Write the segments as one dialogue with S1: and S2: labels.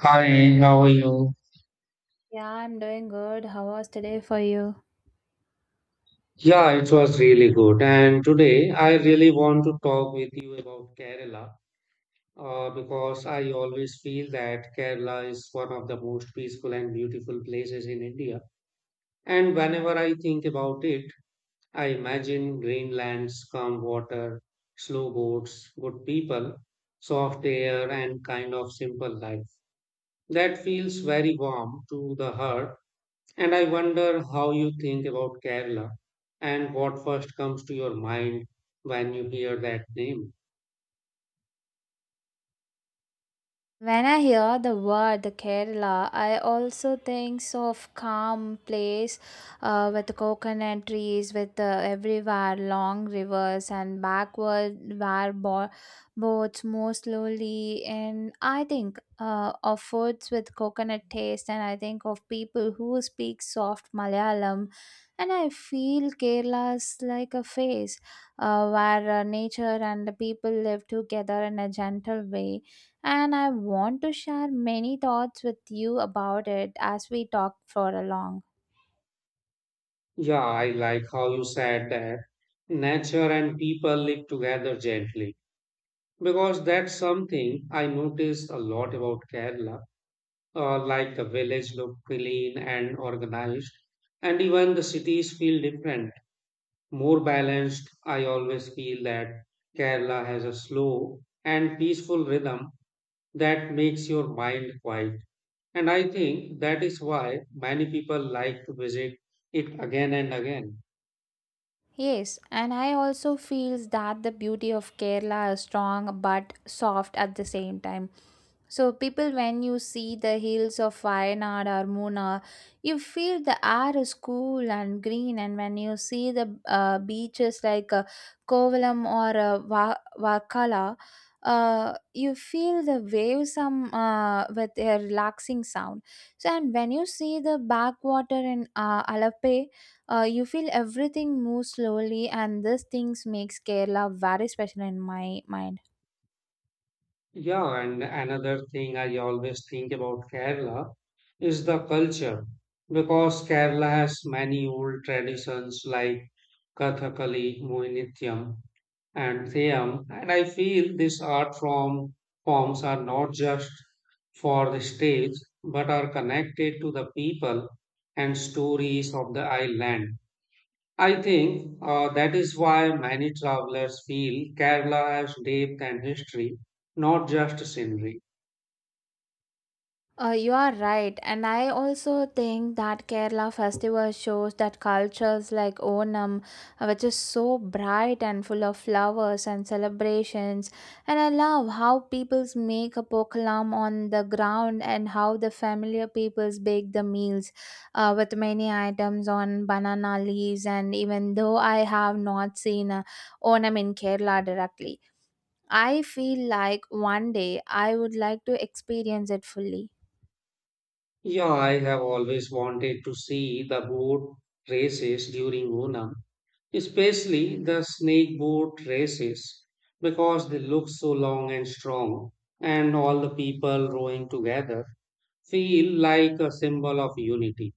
S1: Hi, how are you?
S2: Yeah, I'm doing good. How was today for you?
S1: Yeah, it was really good. And today I really want to talk with you about Kerala because I always feel that Kerala is one of the most peaceful and beautiful places in India. And whenever I think about it, I imagine green lands, calm water, slow boats, good people, soft air, and kind of simple life. That feels very warm to the heart. And I wonder how you think about Kerala and what first comes to your mind when you hear that name.
S2: When I hear the word Kerala, I also thinks of calm place with coconut trees, with everywhere long rivers and backward where boats move slowly. And I think of foods with coconut taste, and I think of people who speak soft Malayalam. And I feel Kerala's like a face where nature and the people live together in a gentle way, and I want to share many thoughts with you about it as we talk for a long.
S1: Yeah, I like how you said that nature and people live together gently because that's something I notice a lot about Kerala. Like the village look clean and organized, and even the cities feel different, more balanced. I always feel that Kerala has a slow and peaceful rhythm that makes your mind quiet. And I think that is why many people like to visit it again and again.
S2: Yes, and I also feels that the beauty of Kerala is strong but soft at the same time. So people, when you see the hills of Wayanad or Muna, you feel the air is cool and green. And when you see the beaches like Kovalam or Vakala, you feel the waves some with a relaxing sound. So and when you see the backwater in Alappuzha, you feel everything moves slowly, and these things makes Kerala very special in my mind.
S1: Yeah, and another thing I always think about Kerala is the culture because Kerala has many old traditions like Kathakali, Mohiniyattam, and Siam, and I feel forms are not just for the stage but are connected to the people and stories of the island. I think that is why many travelers feel Kerala has depth and history, not just scenery.
S2: You are right, and I also think that Kerala festival shows that cultures like Onam, which is so bright and full of flowers and celebrations, and I love how peoples make a pokalam on the ground and how the familiar peoples bake the meals with many items on banana leaves. And even though I have not seen Onam in Kerala directly, I feel like one day I would like to experience it fully.
S1: Yeah, I have always wanted to see the boat races during Onam. Especially the snake boat races, because they look so long and strong, and all the people rowing together feel like a symbol of unity.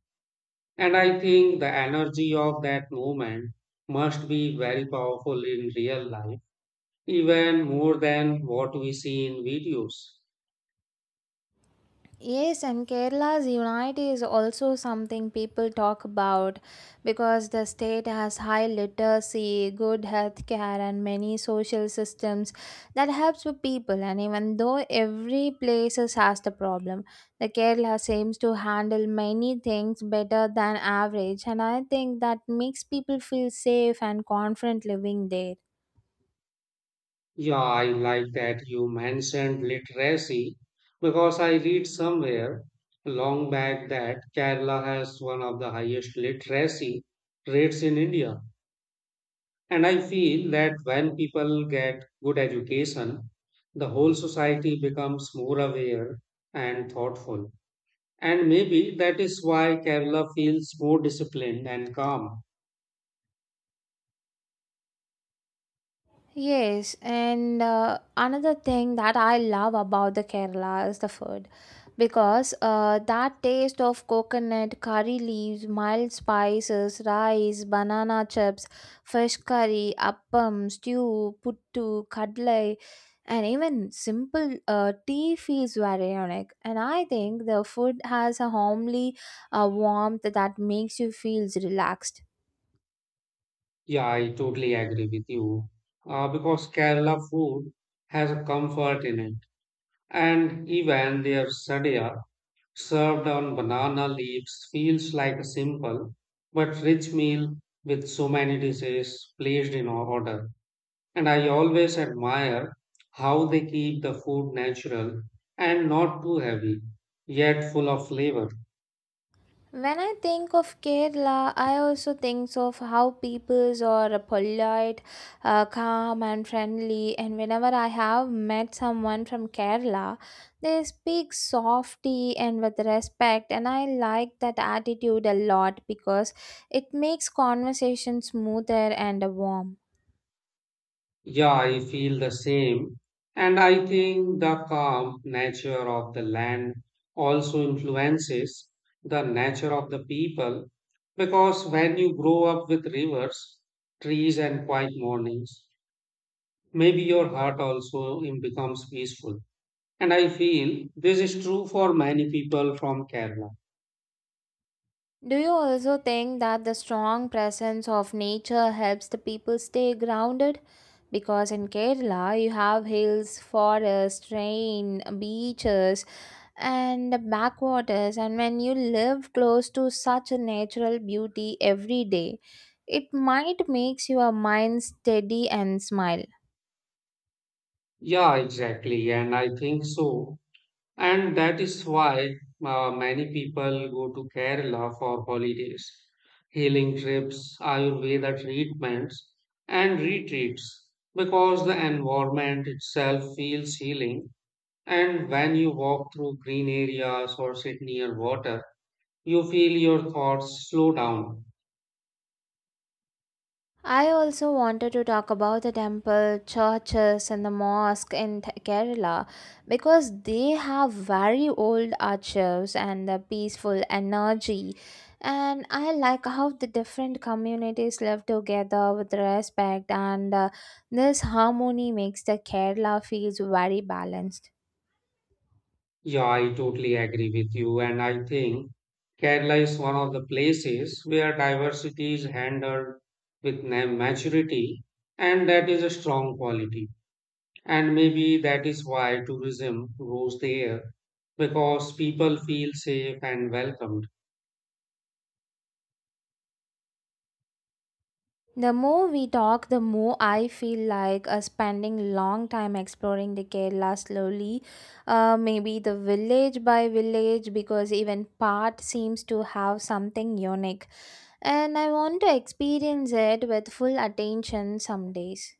S1: And I think the energy of that movement must be very powerful in real life, even more than what we see in videos.
S2: Yes, and Kerala's unite is also something people talk about because the state has high literacy, good health care, and many social systems that helps with people. And even though every place has the problem, the Kerala seems to handle many things better than average, and I think that makes people feel safe and confident living there.
S1: Yeah, I like that you mentioned literacy because I read somewhere long back that Kerala has one of the highest literacy rates in India. And I feel that when people get good education, the whole society becomes more aware and thoughtful. And maybe that is why Kerala feels more disciplined and calm.
S2: Yes, and another thing that I love about the Kerala is the food because that taste of coconut, curry leaves, mild spices, rice, banana chips, fish curry, appam, stew, puttu, kadlai, and even simple tea feels very unique. And I think the food has a homely warmth that makes you feel relaxed.
S1: Yeah, I totally agree with you. Because Kerala food has a comfort in it, and even their sadia served on banana leaves feels like a simple but rich meal with so many dishes placed in order. And I always admire how they keep the food natural and not too heavy, yet full of flavor.
S2: When I think of Kerala, I also think of how peoples are polite, calm, and friendly. And whenever I have met someone from Kerala, they speak softly and with respect. And I like that attitude a lot because it makes conversation smoother and warm.
S1: Yeah, I feel the same. And I think the calm nature of the land also influences the nature of the people, because when you grow up with rivers, trees, and quiet mornings, maybe your heart also becomes peaceful. And I feel this is true for many people from Kerala.
S2: Do you also think that the strong presence of nature helps the people stay grounded? Because in Kerala, you have hills, forests, rain, beaches, and backwaters. And when you live close to such a natural beauty every day, it might makes your mind steady and smile.
S1: Yeah, exactly. And I think so. And that is why many people go to Kerala for holidays, healing trips, Ayurveda treatments, and retreats, because the environment itself feels healing. And when you walk through green areas or sit near water, you feel your thoughts slow down.
S2: I also wanted to talk about the temple, churches, and the mosque in Kerala because they have very old archives and the peaceful energy. And I like how the different communities live together with respect, and this harmony makes the Kerala feels very balanced.
S1: Yeah, I totally agree with you. And I think Kerala is one of the places where diversity is handled with maturity, and that is a strong quality. And maybe that is why tourism grows there, because people feel safe and welcome.
S2: The more we talk, the more I feel like spending long time exploring the Kerala slowly, maybe the village by village, because even part seems to have something unique. And I want to experience it with full attention some days.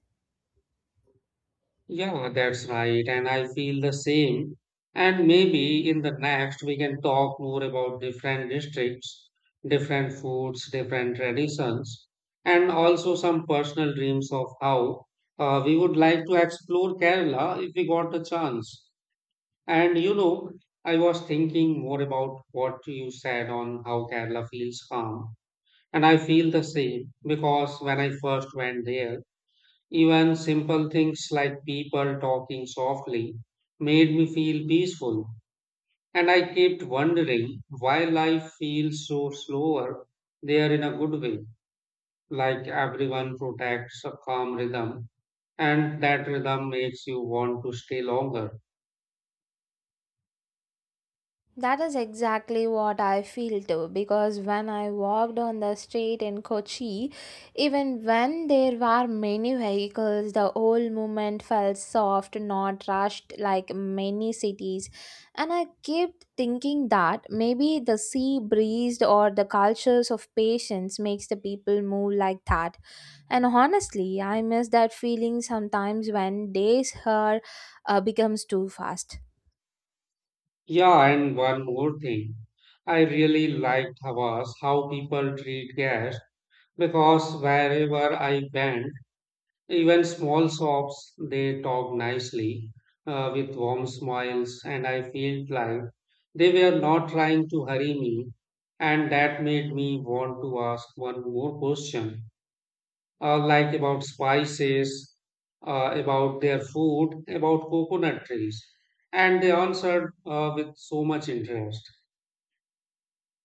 S1: Yeah, that's right. And I feel the same. And maybe in the next, we can talk more about different districts, different foods, different traditions, and also some personal dreams of how we would like to explore Kerala if we got the chance. And you know, I was thinking more about what you said on how Kerala feels calm. And I feel the same because when I first went there, even simple things like people talking softly made me feel peaceful, and I kept wondering why life feels so slower there, in a good way, like everyone protects a calm rhythm, and that rhythm makes you want to stay longer.
S2: That is exactly what I feel too because when I walked on the street in Kochi, even when there were many vehicles, the whole movement felt soft, not rushed like many cities. And I kept thinking that maybe the sea breeze or the cultures of patience makes the people move like that. And honestly, I miss that feeling sometimes when days here becomes too fast.
S1: Yeah, and one more thing. I really liked Havas how people treat guests, because wherever I went, even small shops, they talk nicely with warm smiles, and I felt like they were not trying to hurry me. And that made me want to ask one more question, like about spices, about their food, about coconut trees. And they answered with so much interest.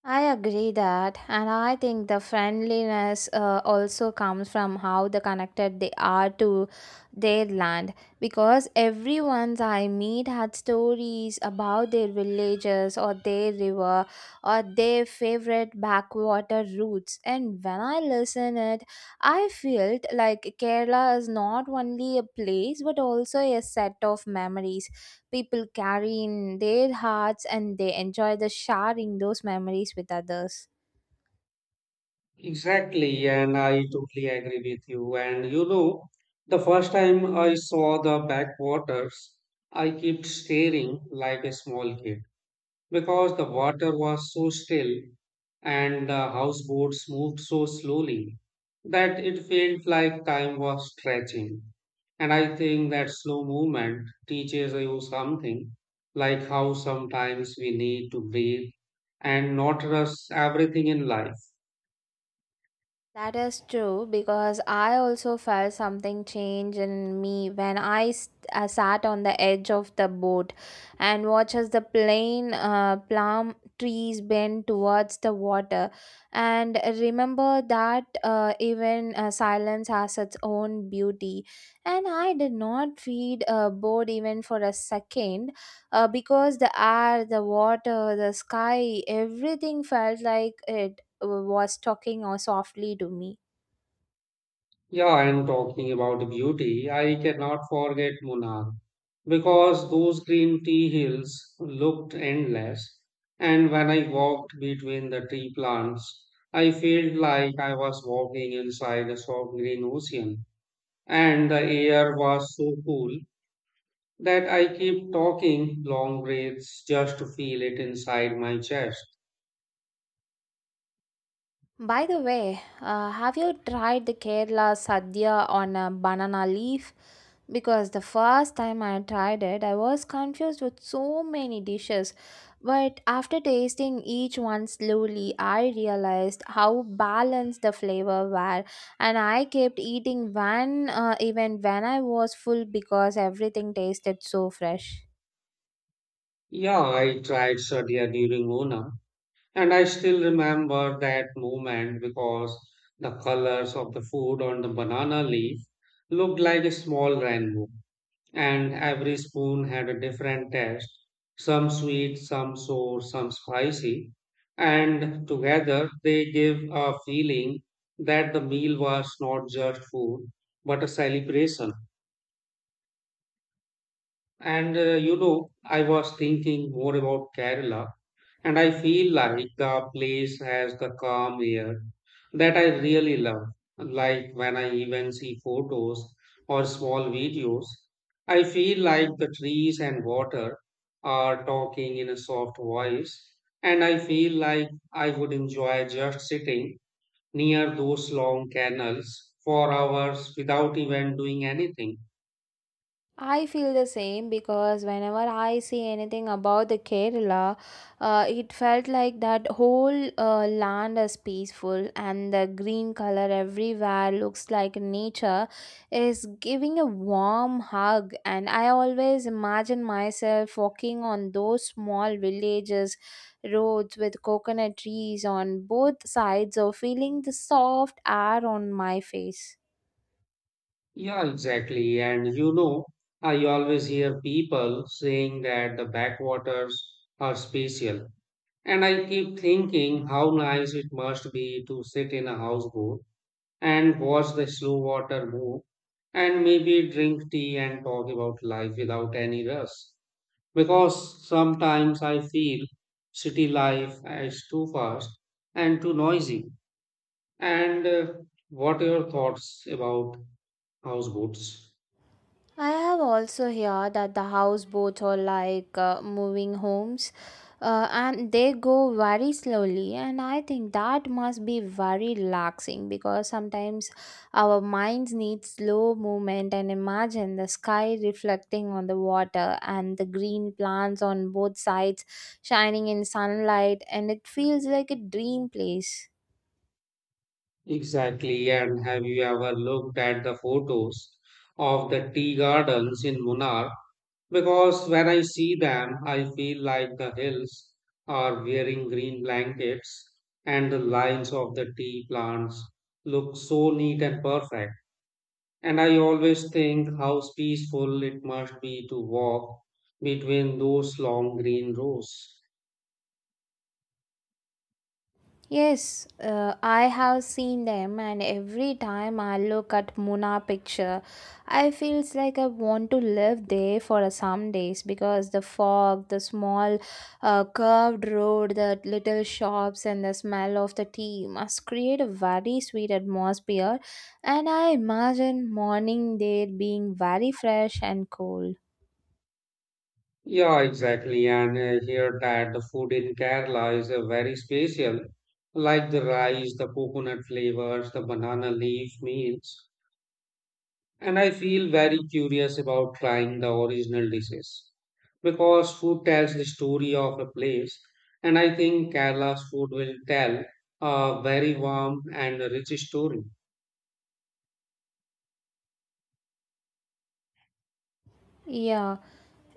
S2: I agree that, and I think the friendliness also comes from how the connected they are to their land. Because everyone I meet had stories about their villages or their river or their favorite backwater routes. And when I listen it, I felt like Kerala is not only a place but also a set of memories people carry in their hearts, and they enjoy the sharing those memories with others.
S1: Exactly, and I totally agree with you. And you know, the first time I saw the backwaters, I kept staring like a small kid because the water was so still and the houseboats moved so slowly that it felt like time was stretching. And I think that slow movement teaches you something, like how sometimes we need to breathe and not rush everything in life.
S2: That is true because I also felt something change in me when I sat on the edge of the boat and watched as the plain plum trees bend towards the water. And remember that even silence has its own beauty. And I did not feel bored even for a second because the air, the water, the sky, everything felt like it was talking softly to me.
S1: Yeah, and talking about beauty, I cannot forget Munnar because those green tea hills looked endless. And when I walked between the tea plants, I felt like I was walking inside a soft green ocean. And the air was so cool that I kept talking long breaths just to feel it inside my chest.
S2: By the way, have you tried the Kerala sadhya on a banana leaf? Because the first time I tried it, I was confused with so many dishes. But after tasting each one slowly, I realized how balanced the flavor were, and I kept eating one even when I was full because everything tasted so fresh.
S1: Yeah, I tried Sadia during Mona. And I still remember that moment because the colors of the food on the banana leaf looked like a small rainbow, and every spoon had a different taste, some sweet, some sour, some spicy. And together they give a feeling that the meal was not just food but a celebration. And you know, I was thinking more about Kerala. And I feel like the place has the calm air that I really love. Like when I even see photos or small videos, I feel like the trees and water are talking in a soft voice. And I feel like I would enjoy just sitting near those long canals for hours without even doing anything.
S2: I feel the same because whenever I see anything about the Kerala, it felt like that whole land is peaceful and the green color everywhere looks like nature is giving a warm hug. And I always imagine myself walking on those small villages, roads with coconut trees on both sides, or feeling the soft air on my face.
S1: Yeah, exactly. And you know, I always hear people saying that the backwaters are special. And I keep thinking how nice it must be to sit in a houseboat and watch the slow water move and maybe drink tea and talk about life without any rush. Because sometimes I feel city life is too fast and too noisy. And what are your thoughts about houseboats?
S2: I have also heard that the houseboats are like moving homes, and they go very slowly. And I think that must be very relaxing because sometimes our minds need slow movement. And imagine the sky reflecting on the water and the green plants on both sides shining in sunlight. And it feels like a dream place.
S1: Exactly. And have you ever looked at the photos of the tea gardens in Munnar? Because when I see them, I feel like the hills are wearing green blankets and the lines of the tea plants look so neat and perfect. And I always think how peaceful it must be to walk between those long green rows.
S2: Yes, I have seen them, and every time I look at Muna picture, I feels like I want to live there for a some days because the fog, the small curved road, the little shops, and the smell of the tea must create a very sweet atmosphere. And I imagine morning there being very fresh and cool.
S1: Yeah, exactly. And here that the food in Kerala is very special, like the rice, the coconut flavors, the banana leaf meals. And I feel very curious about trying the original dishes because food tells the story of a place. And I think Kerala's food will tell a very warm and rich story.
S2: Yeah,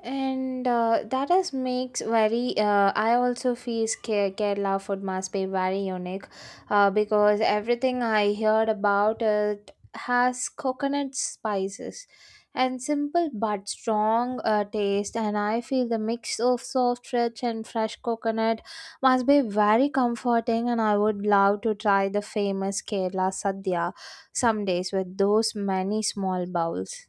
S2: and that is makes very. I also feel Kerala food must be very unique, because everything I heard about it has coconut spices, and simple but strong taste. And I feel the mix of soft, rich, and fresh coconut must be very comforting. And I would love to try the famous Kerala sadhya some days with those many small bowls.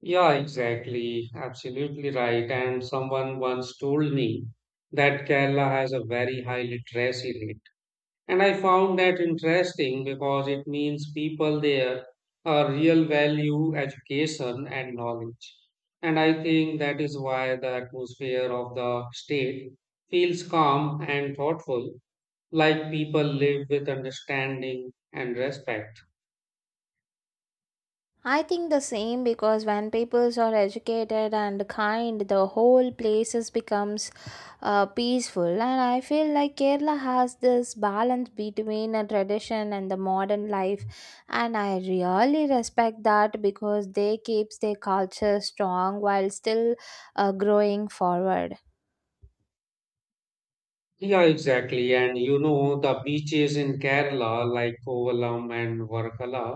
S1: Yeah, exactly. Absolutely right. And someone once told me that Kerala has a very high literacy rate. And I found that interesting because it means people there are real value education and knowledge. And I think that is why the atmosphere of the state feels calm and thoughtful, like people live with understanding and respect.
S2: I think the same because when peoples are educated and kind, the whole places becomes peaceful. And I feel like Kerala has this balance between a tradition and the modern life, and I really respect that because they keeps their culture strong while still growing forward.
S1: Yeah, exactly. And you know, the beaches in Kerala, like Kovalam and Varkala,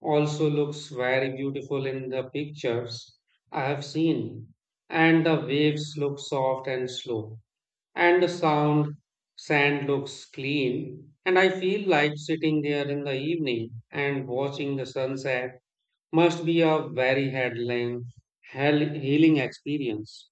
S1: also looks very beautiful in the pictures I have seen. And the waves look soft and slow. And the sound sand looks clean. And I feel like sitting there in the evening and watching the sunset must be a very healing, healing experience.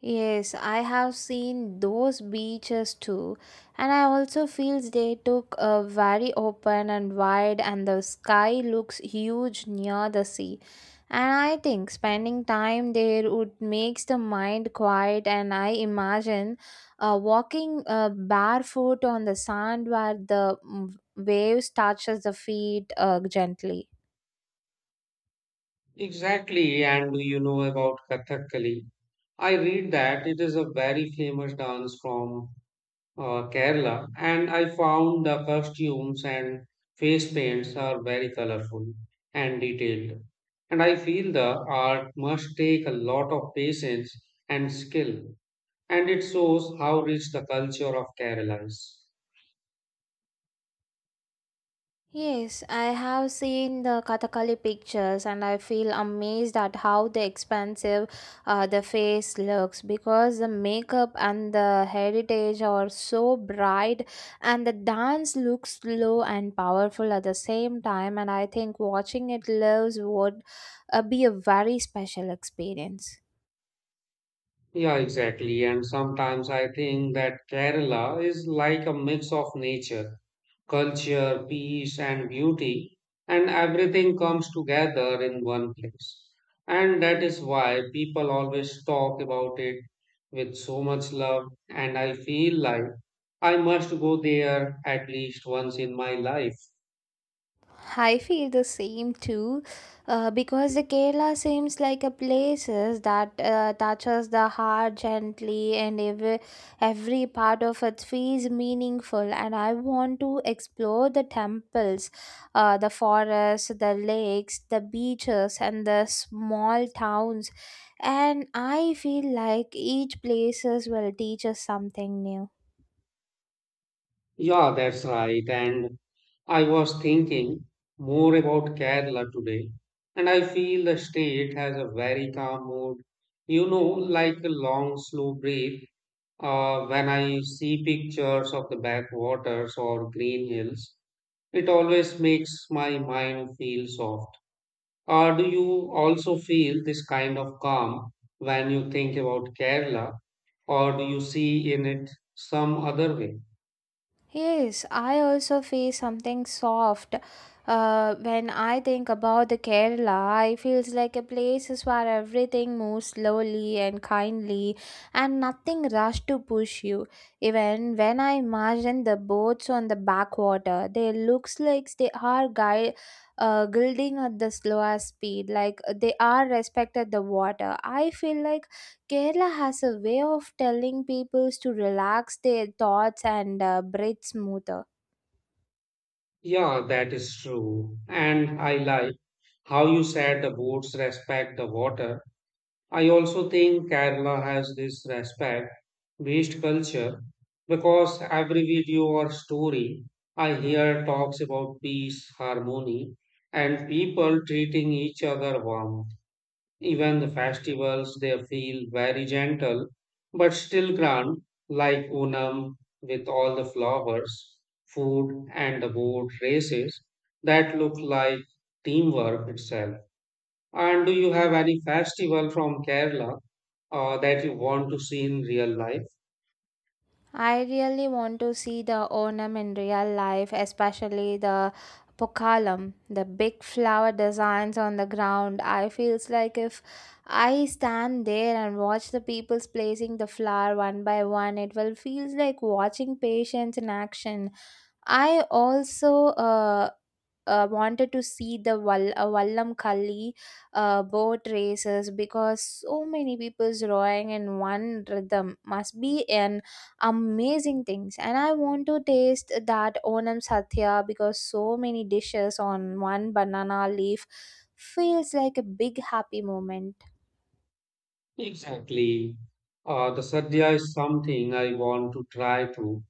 S2: Yes, I have seen those beaches too, and I also feels they took a very open and wide, and the sky looks huge near the sea. And I think spending time there would makes the mind quiet, and I imagine walking barefoot on the sand where the waves touches the feet gently.
S1: Exactly. And do you know about Kathakali? I read that it is a very famous dance form Kerala, and I found the costumes and face paints are very colorful and detailed. And I feel the art must take a lot of patience and skill, and it shows how rich the culture of Kerala is.
S2: Yes, I have seen the Kathakali pictures, and I feel amazed at how the expansive the face looks because the makeup and the heritage are so bright and the dance looks slow and powerful at the same time, and I think watching it lives would be a very special experience.
S1: Yeah, exactly. And sometimes I think that Kerala is like a mix of nature, culture, peace, and beauty, and everything comes together in one place. And that is why people always talk about it with so much love, and I feel like I must go there at least once in my life.
S2: I feel the same too, because the Kerala seems like a places that touches the heart gently, and every part of it feels meaningful. And I want to explore the temples, the forests, the lakes, the beaches, and the small towns. And I feel like each places will teach us something new.
S1: Yeah, that's right. And I was thinking more about Kerala today, and I feel the state has a very calm mood, you know, like a long, slow breath. When I see pictures of the backwaters or green hills, it always makes my mind feel soft. Do you also feel this kind of calm when you think about Kerala, or do you see in it some other way?
S2: Yes, I also feel something soft when I think about the Kerala. I feels like a place is where everything moves slowly and kindly, and nothing rush to push you. Even when I imagine the boats on the backwater, they looks like they are guide. Gliding at the slower speed, like they are respected the water. I feel like Kerala has a way of telling people to relax their thoughts and breathe smoother.
S1: Yeah, that is true. And I like how you said the boats respect the water. I also think Kerala has this respect based culture because every video or story I hear talks about peace, harmony, and people treating each other warm. Even the festivals, they feel very gentle but still grand, like Onam with all the flowers, food, and the boat races that look like teamwork itself. And do you have any festival from Kerala that you want to see in real life?
S2: I really want to see the Onam in real life, especially the pokalam, the big flower designs on the ground. I feels like if I stand there and watch the people's placing the flower one by one, it will feels like watching patience in action. I also wanted to see the Vallamkalli boat races because so many people's rowing in one rhythm must be an amazing things. And I want to taste that Onam Satya because so many dishes on one banana leaf feels like a big happy moment.
S1: Exactly. The sadhya is something I want to try to.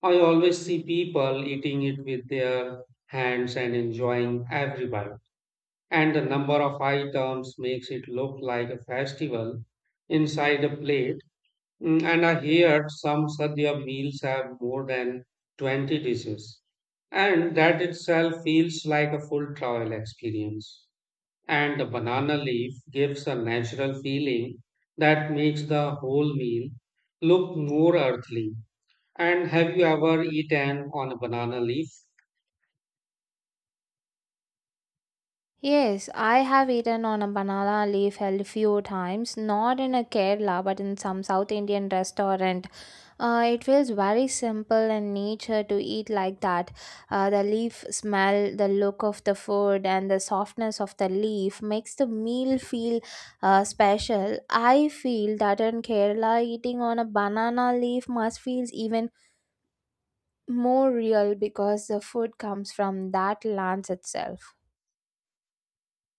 S1: I always see people eating it with their hands and enjoying every bite. And the number of items makes it look like a festival inside a plate. Mm, and I heard some sadhya meals have more than 20 dishes. And that itself feels like a full travel experience. And the banana leaf gives a natural feeling that makes the whole meal look more earthly. And have you ever eaten on a banana leaf?
S2: Yes, I have eaten on a banana leaf a few times, not in a Kerala, but in some South Indian restaurant. It feels very simple and nature to eat like that. The leaf smell, the look of the food, and the softness of the leaf makes the meal feel special. I feel that in Kerala, eating on a banana leaf must feels even more real because the food comes from that land itself.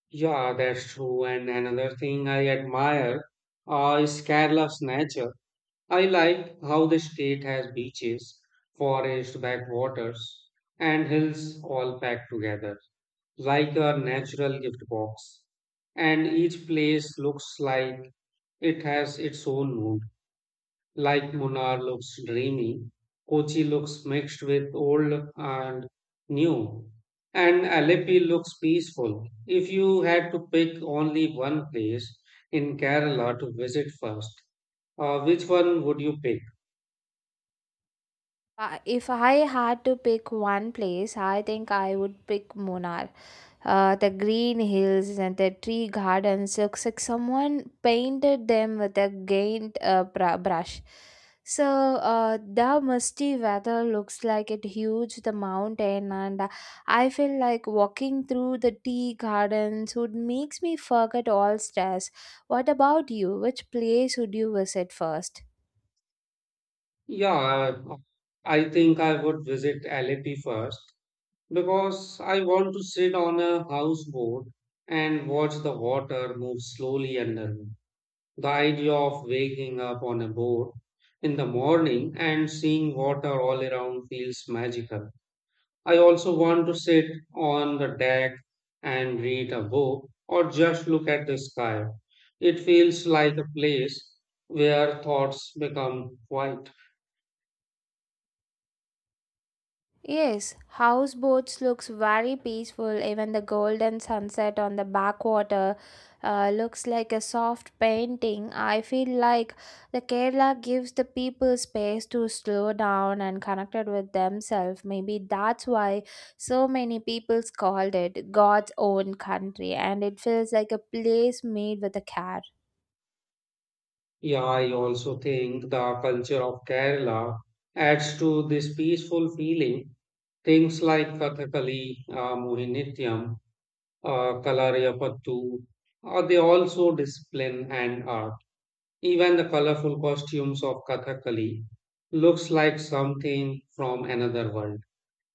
S1: Yeah, that's true. And another thing I admire is Kerala's nature. I like how the state has beaches, forest backwaters, and hills all packed together, like a natural gift box. And each place looks like it has its own mood. Like Munnar looks dreamy, Kochi looks mixed with old and new, and Alleppey looks peaceful. If you had to pick only one place in Kerala to visit first, which one would you pick?
S2: If I had to pick one place, I think I would pick Munnar. The green hills and the tree gardens looks like someone painted them with a gained brush, so the musty weather looks like it huge the mountain, and I feel like walking through the tea gardens would makes me forget all stress. What about you? Which place would you visit first?
S1: Yeah, I think I would visit Alleppey first because I want to sit on a houseboat and watch the water move slowly under me. The idea of waking up on a boat in the morning and seeing water all around feels magical. I also want to sit on the deck and read a book or just look at the sky. It feels like a place where thoughts become quiet.
S2: Yes, houseboats looks very peaceful. Even the golden sunset on the backwater looks like a soft painting. I feel like the Kerala gives the people space to slow down and connected with themselves. Maybe that's why so many people's called it God's own country, and it feels like a place made with a care.
S1: Yeah, I also think the culture of Kerala adds to this peaceful feeling. Things like Kathakali, Mohinittyam, Kalariyapattu, they also display hand art. Even the colorful costumes of Kathakali looks like something from another world,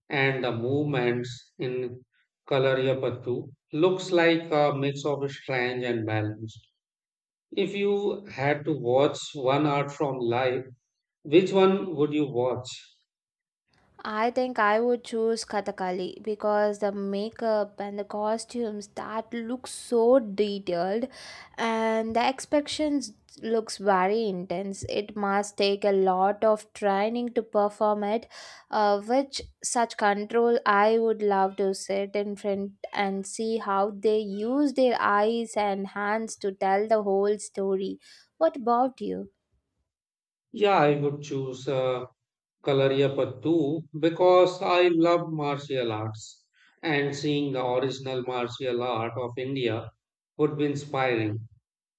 S1: and the movements in Kalariyapattu looks like a mix of strange and balanced. If you had to watch one art from life, which one would you watch?
S2: I think I would choose Kathakali because the makeup and the costumes that look so detailed and the expressions looks very intense. It must take a lot of training to perform it, which such control. I would love to sit in front and see how they use their eyes and hands to tell the whole story. What about you?
S1: Yeah, I would choose. Kalariyapattu, because I love martial arts and seeing the original martial art of India would be inspiring.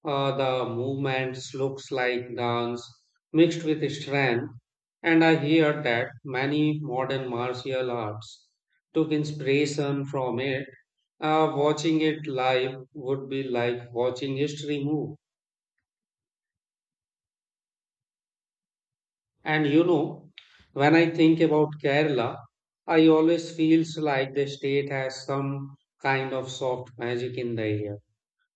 S1: The movements looks like dance mixed with strength, and I hear that many modern martial arts took inspiration from it. Watching it live would be like watching history move. And you know, when I think about Kerala, I always feels like the state has some kind of soft magic in the air.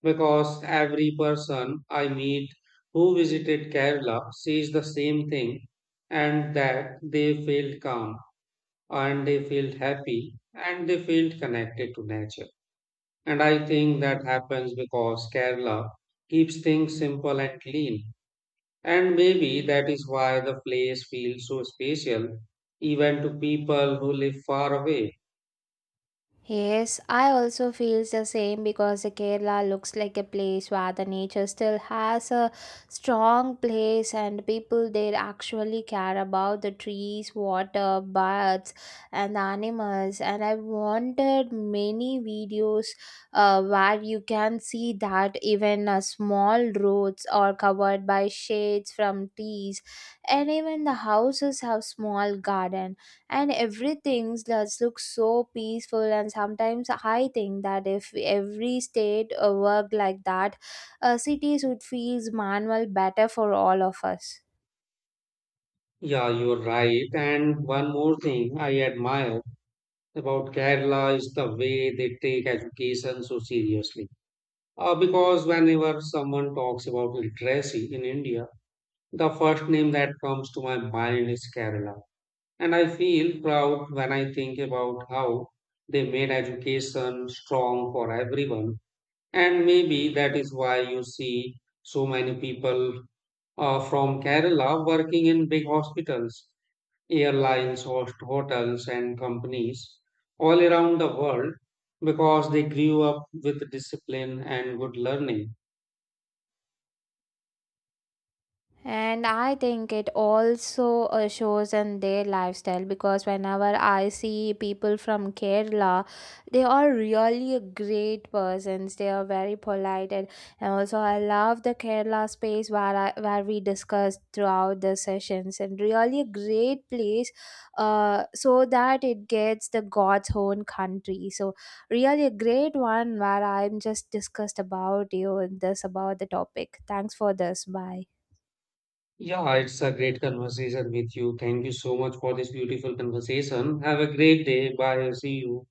S1: Because every person I meet who visited Kerala says the same thing, and that they felt calm, and they felt happy, and they felt connected to nature. And I think that happens because Kerala keeps things simple and clean, and maybe that is why the place feels so special, even to people who live far away.
S2: Yes, I also feels the same because the Kerala looks like a place where the nature still has a strong place and people there actually care about the trees, water, birds and the animals, and I wanted many videos where you can see that even small roads are covered by shades from trees, and even the houses have small garden, and everything just looks so peaceful, and sometimes I think that if every state worked like that, cities would feel manual better for all of us.
S1: Yeah, you're right. And one more thing I admire about Kerala is the way they take education so seriously. Because whenever someone talks about literacy in India, the first name that comes to my mind is Kerala. And I feel proud when I think about how they made education strong for everyone. And maybe that is why you see so many people from Kerala working in big hospitals, airlines, host hotels, and companies all around the world because they grew up with discipline and good learning.
S2: And I think it also shows in their lifestyle because whenever I see people from Kerala, they are really great persons. They are very polite, and also I love the Kerala space where where we discussed throughout the sessions. And really a great place, so that it gets the God's own country. So really a great one where I'm just discussed about you and this about the topic. Thanks for this. Bye.
S1: Yeah, it's a great conversation with you. Thank you so much for this beautiful conversation. Have a great day. Bye. See you.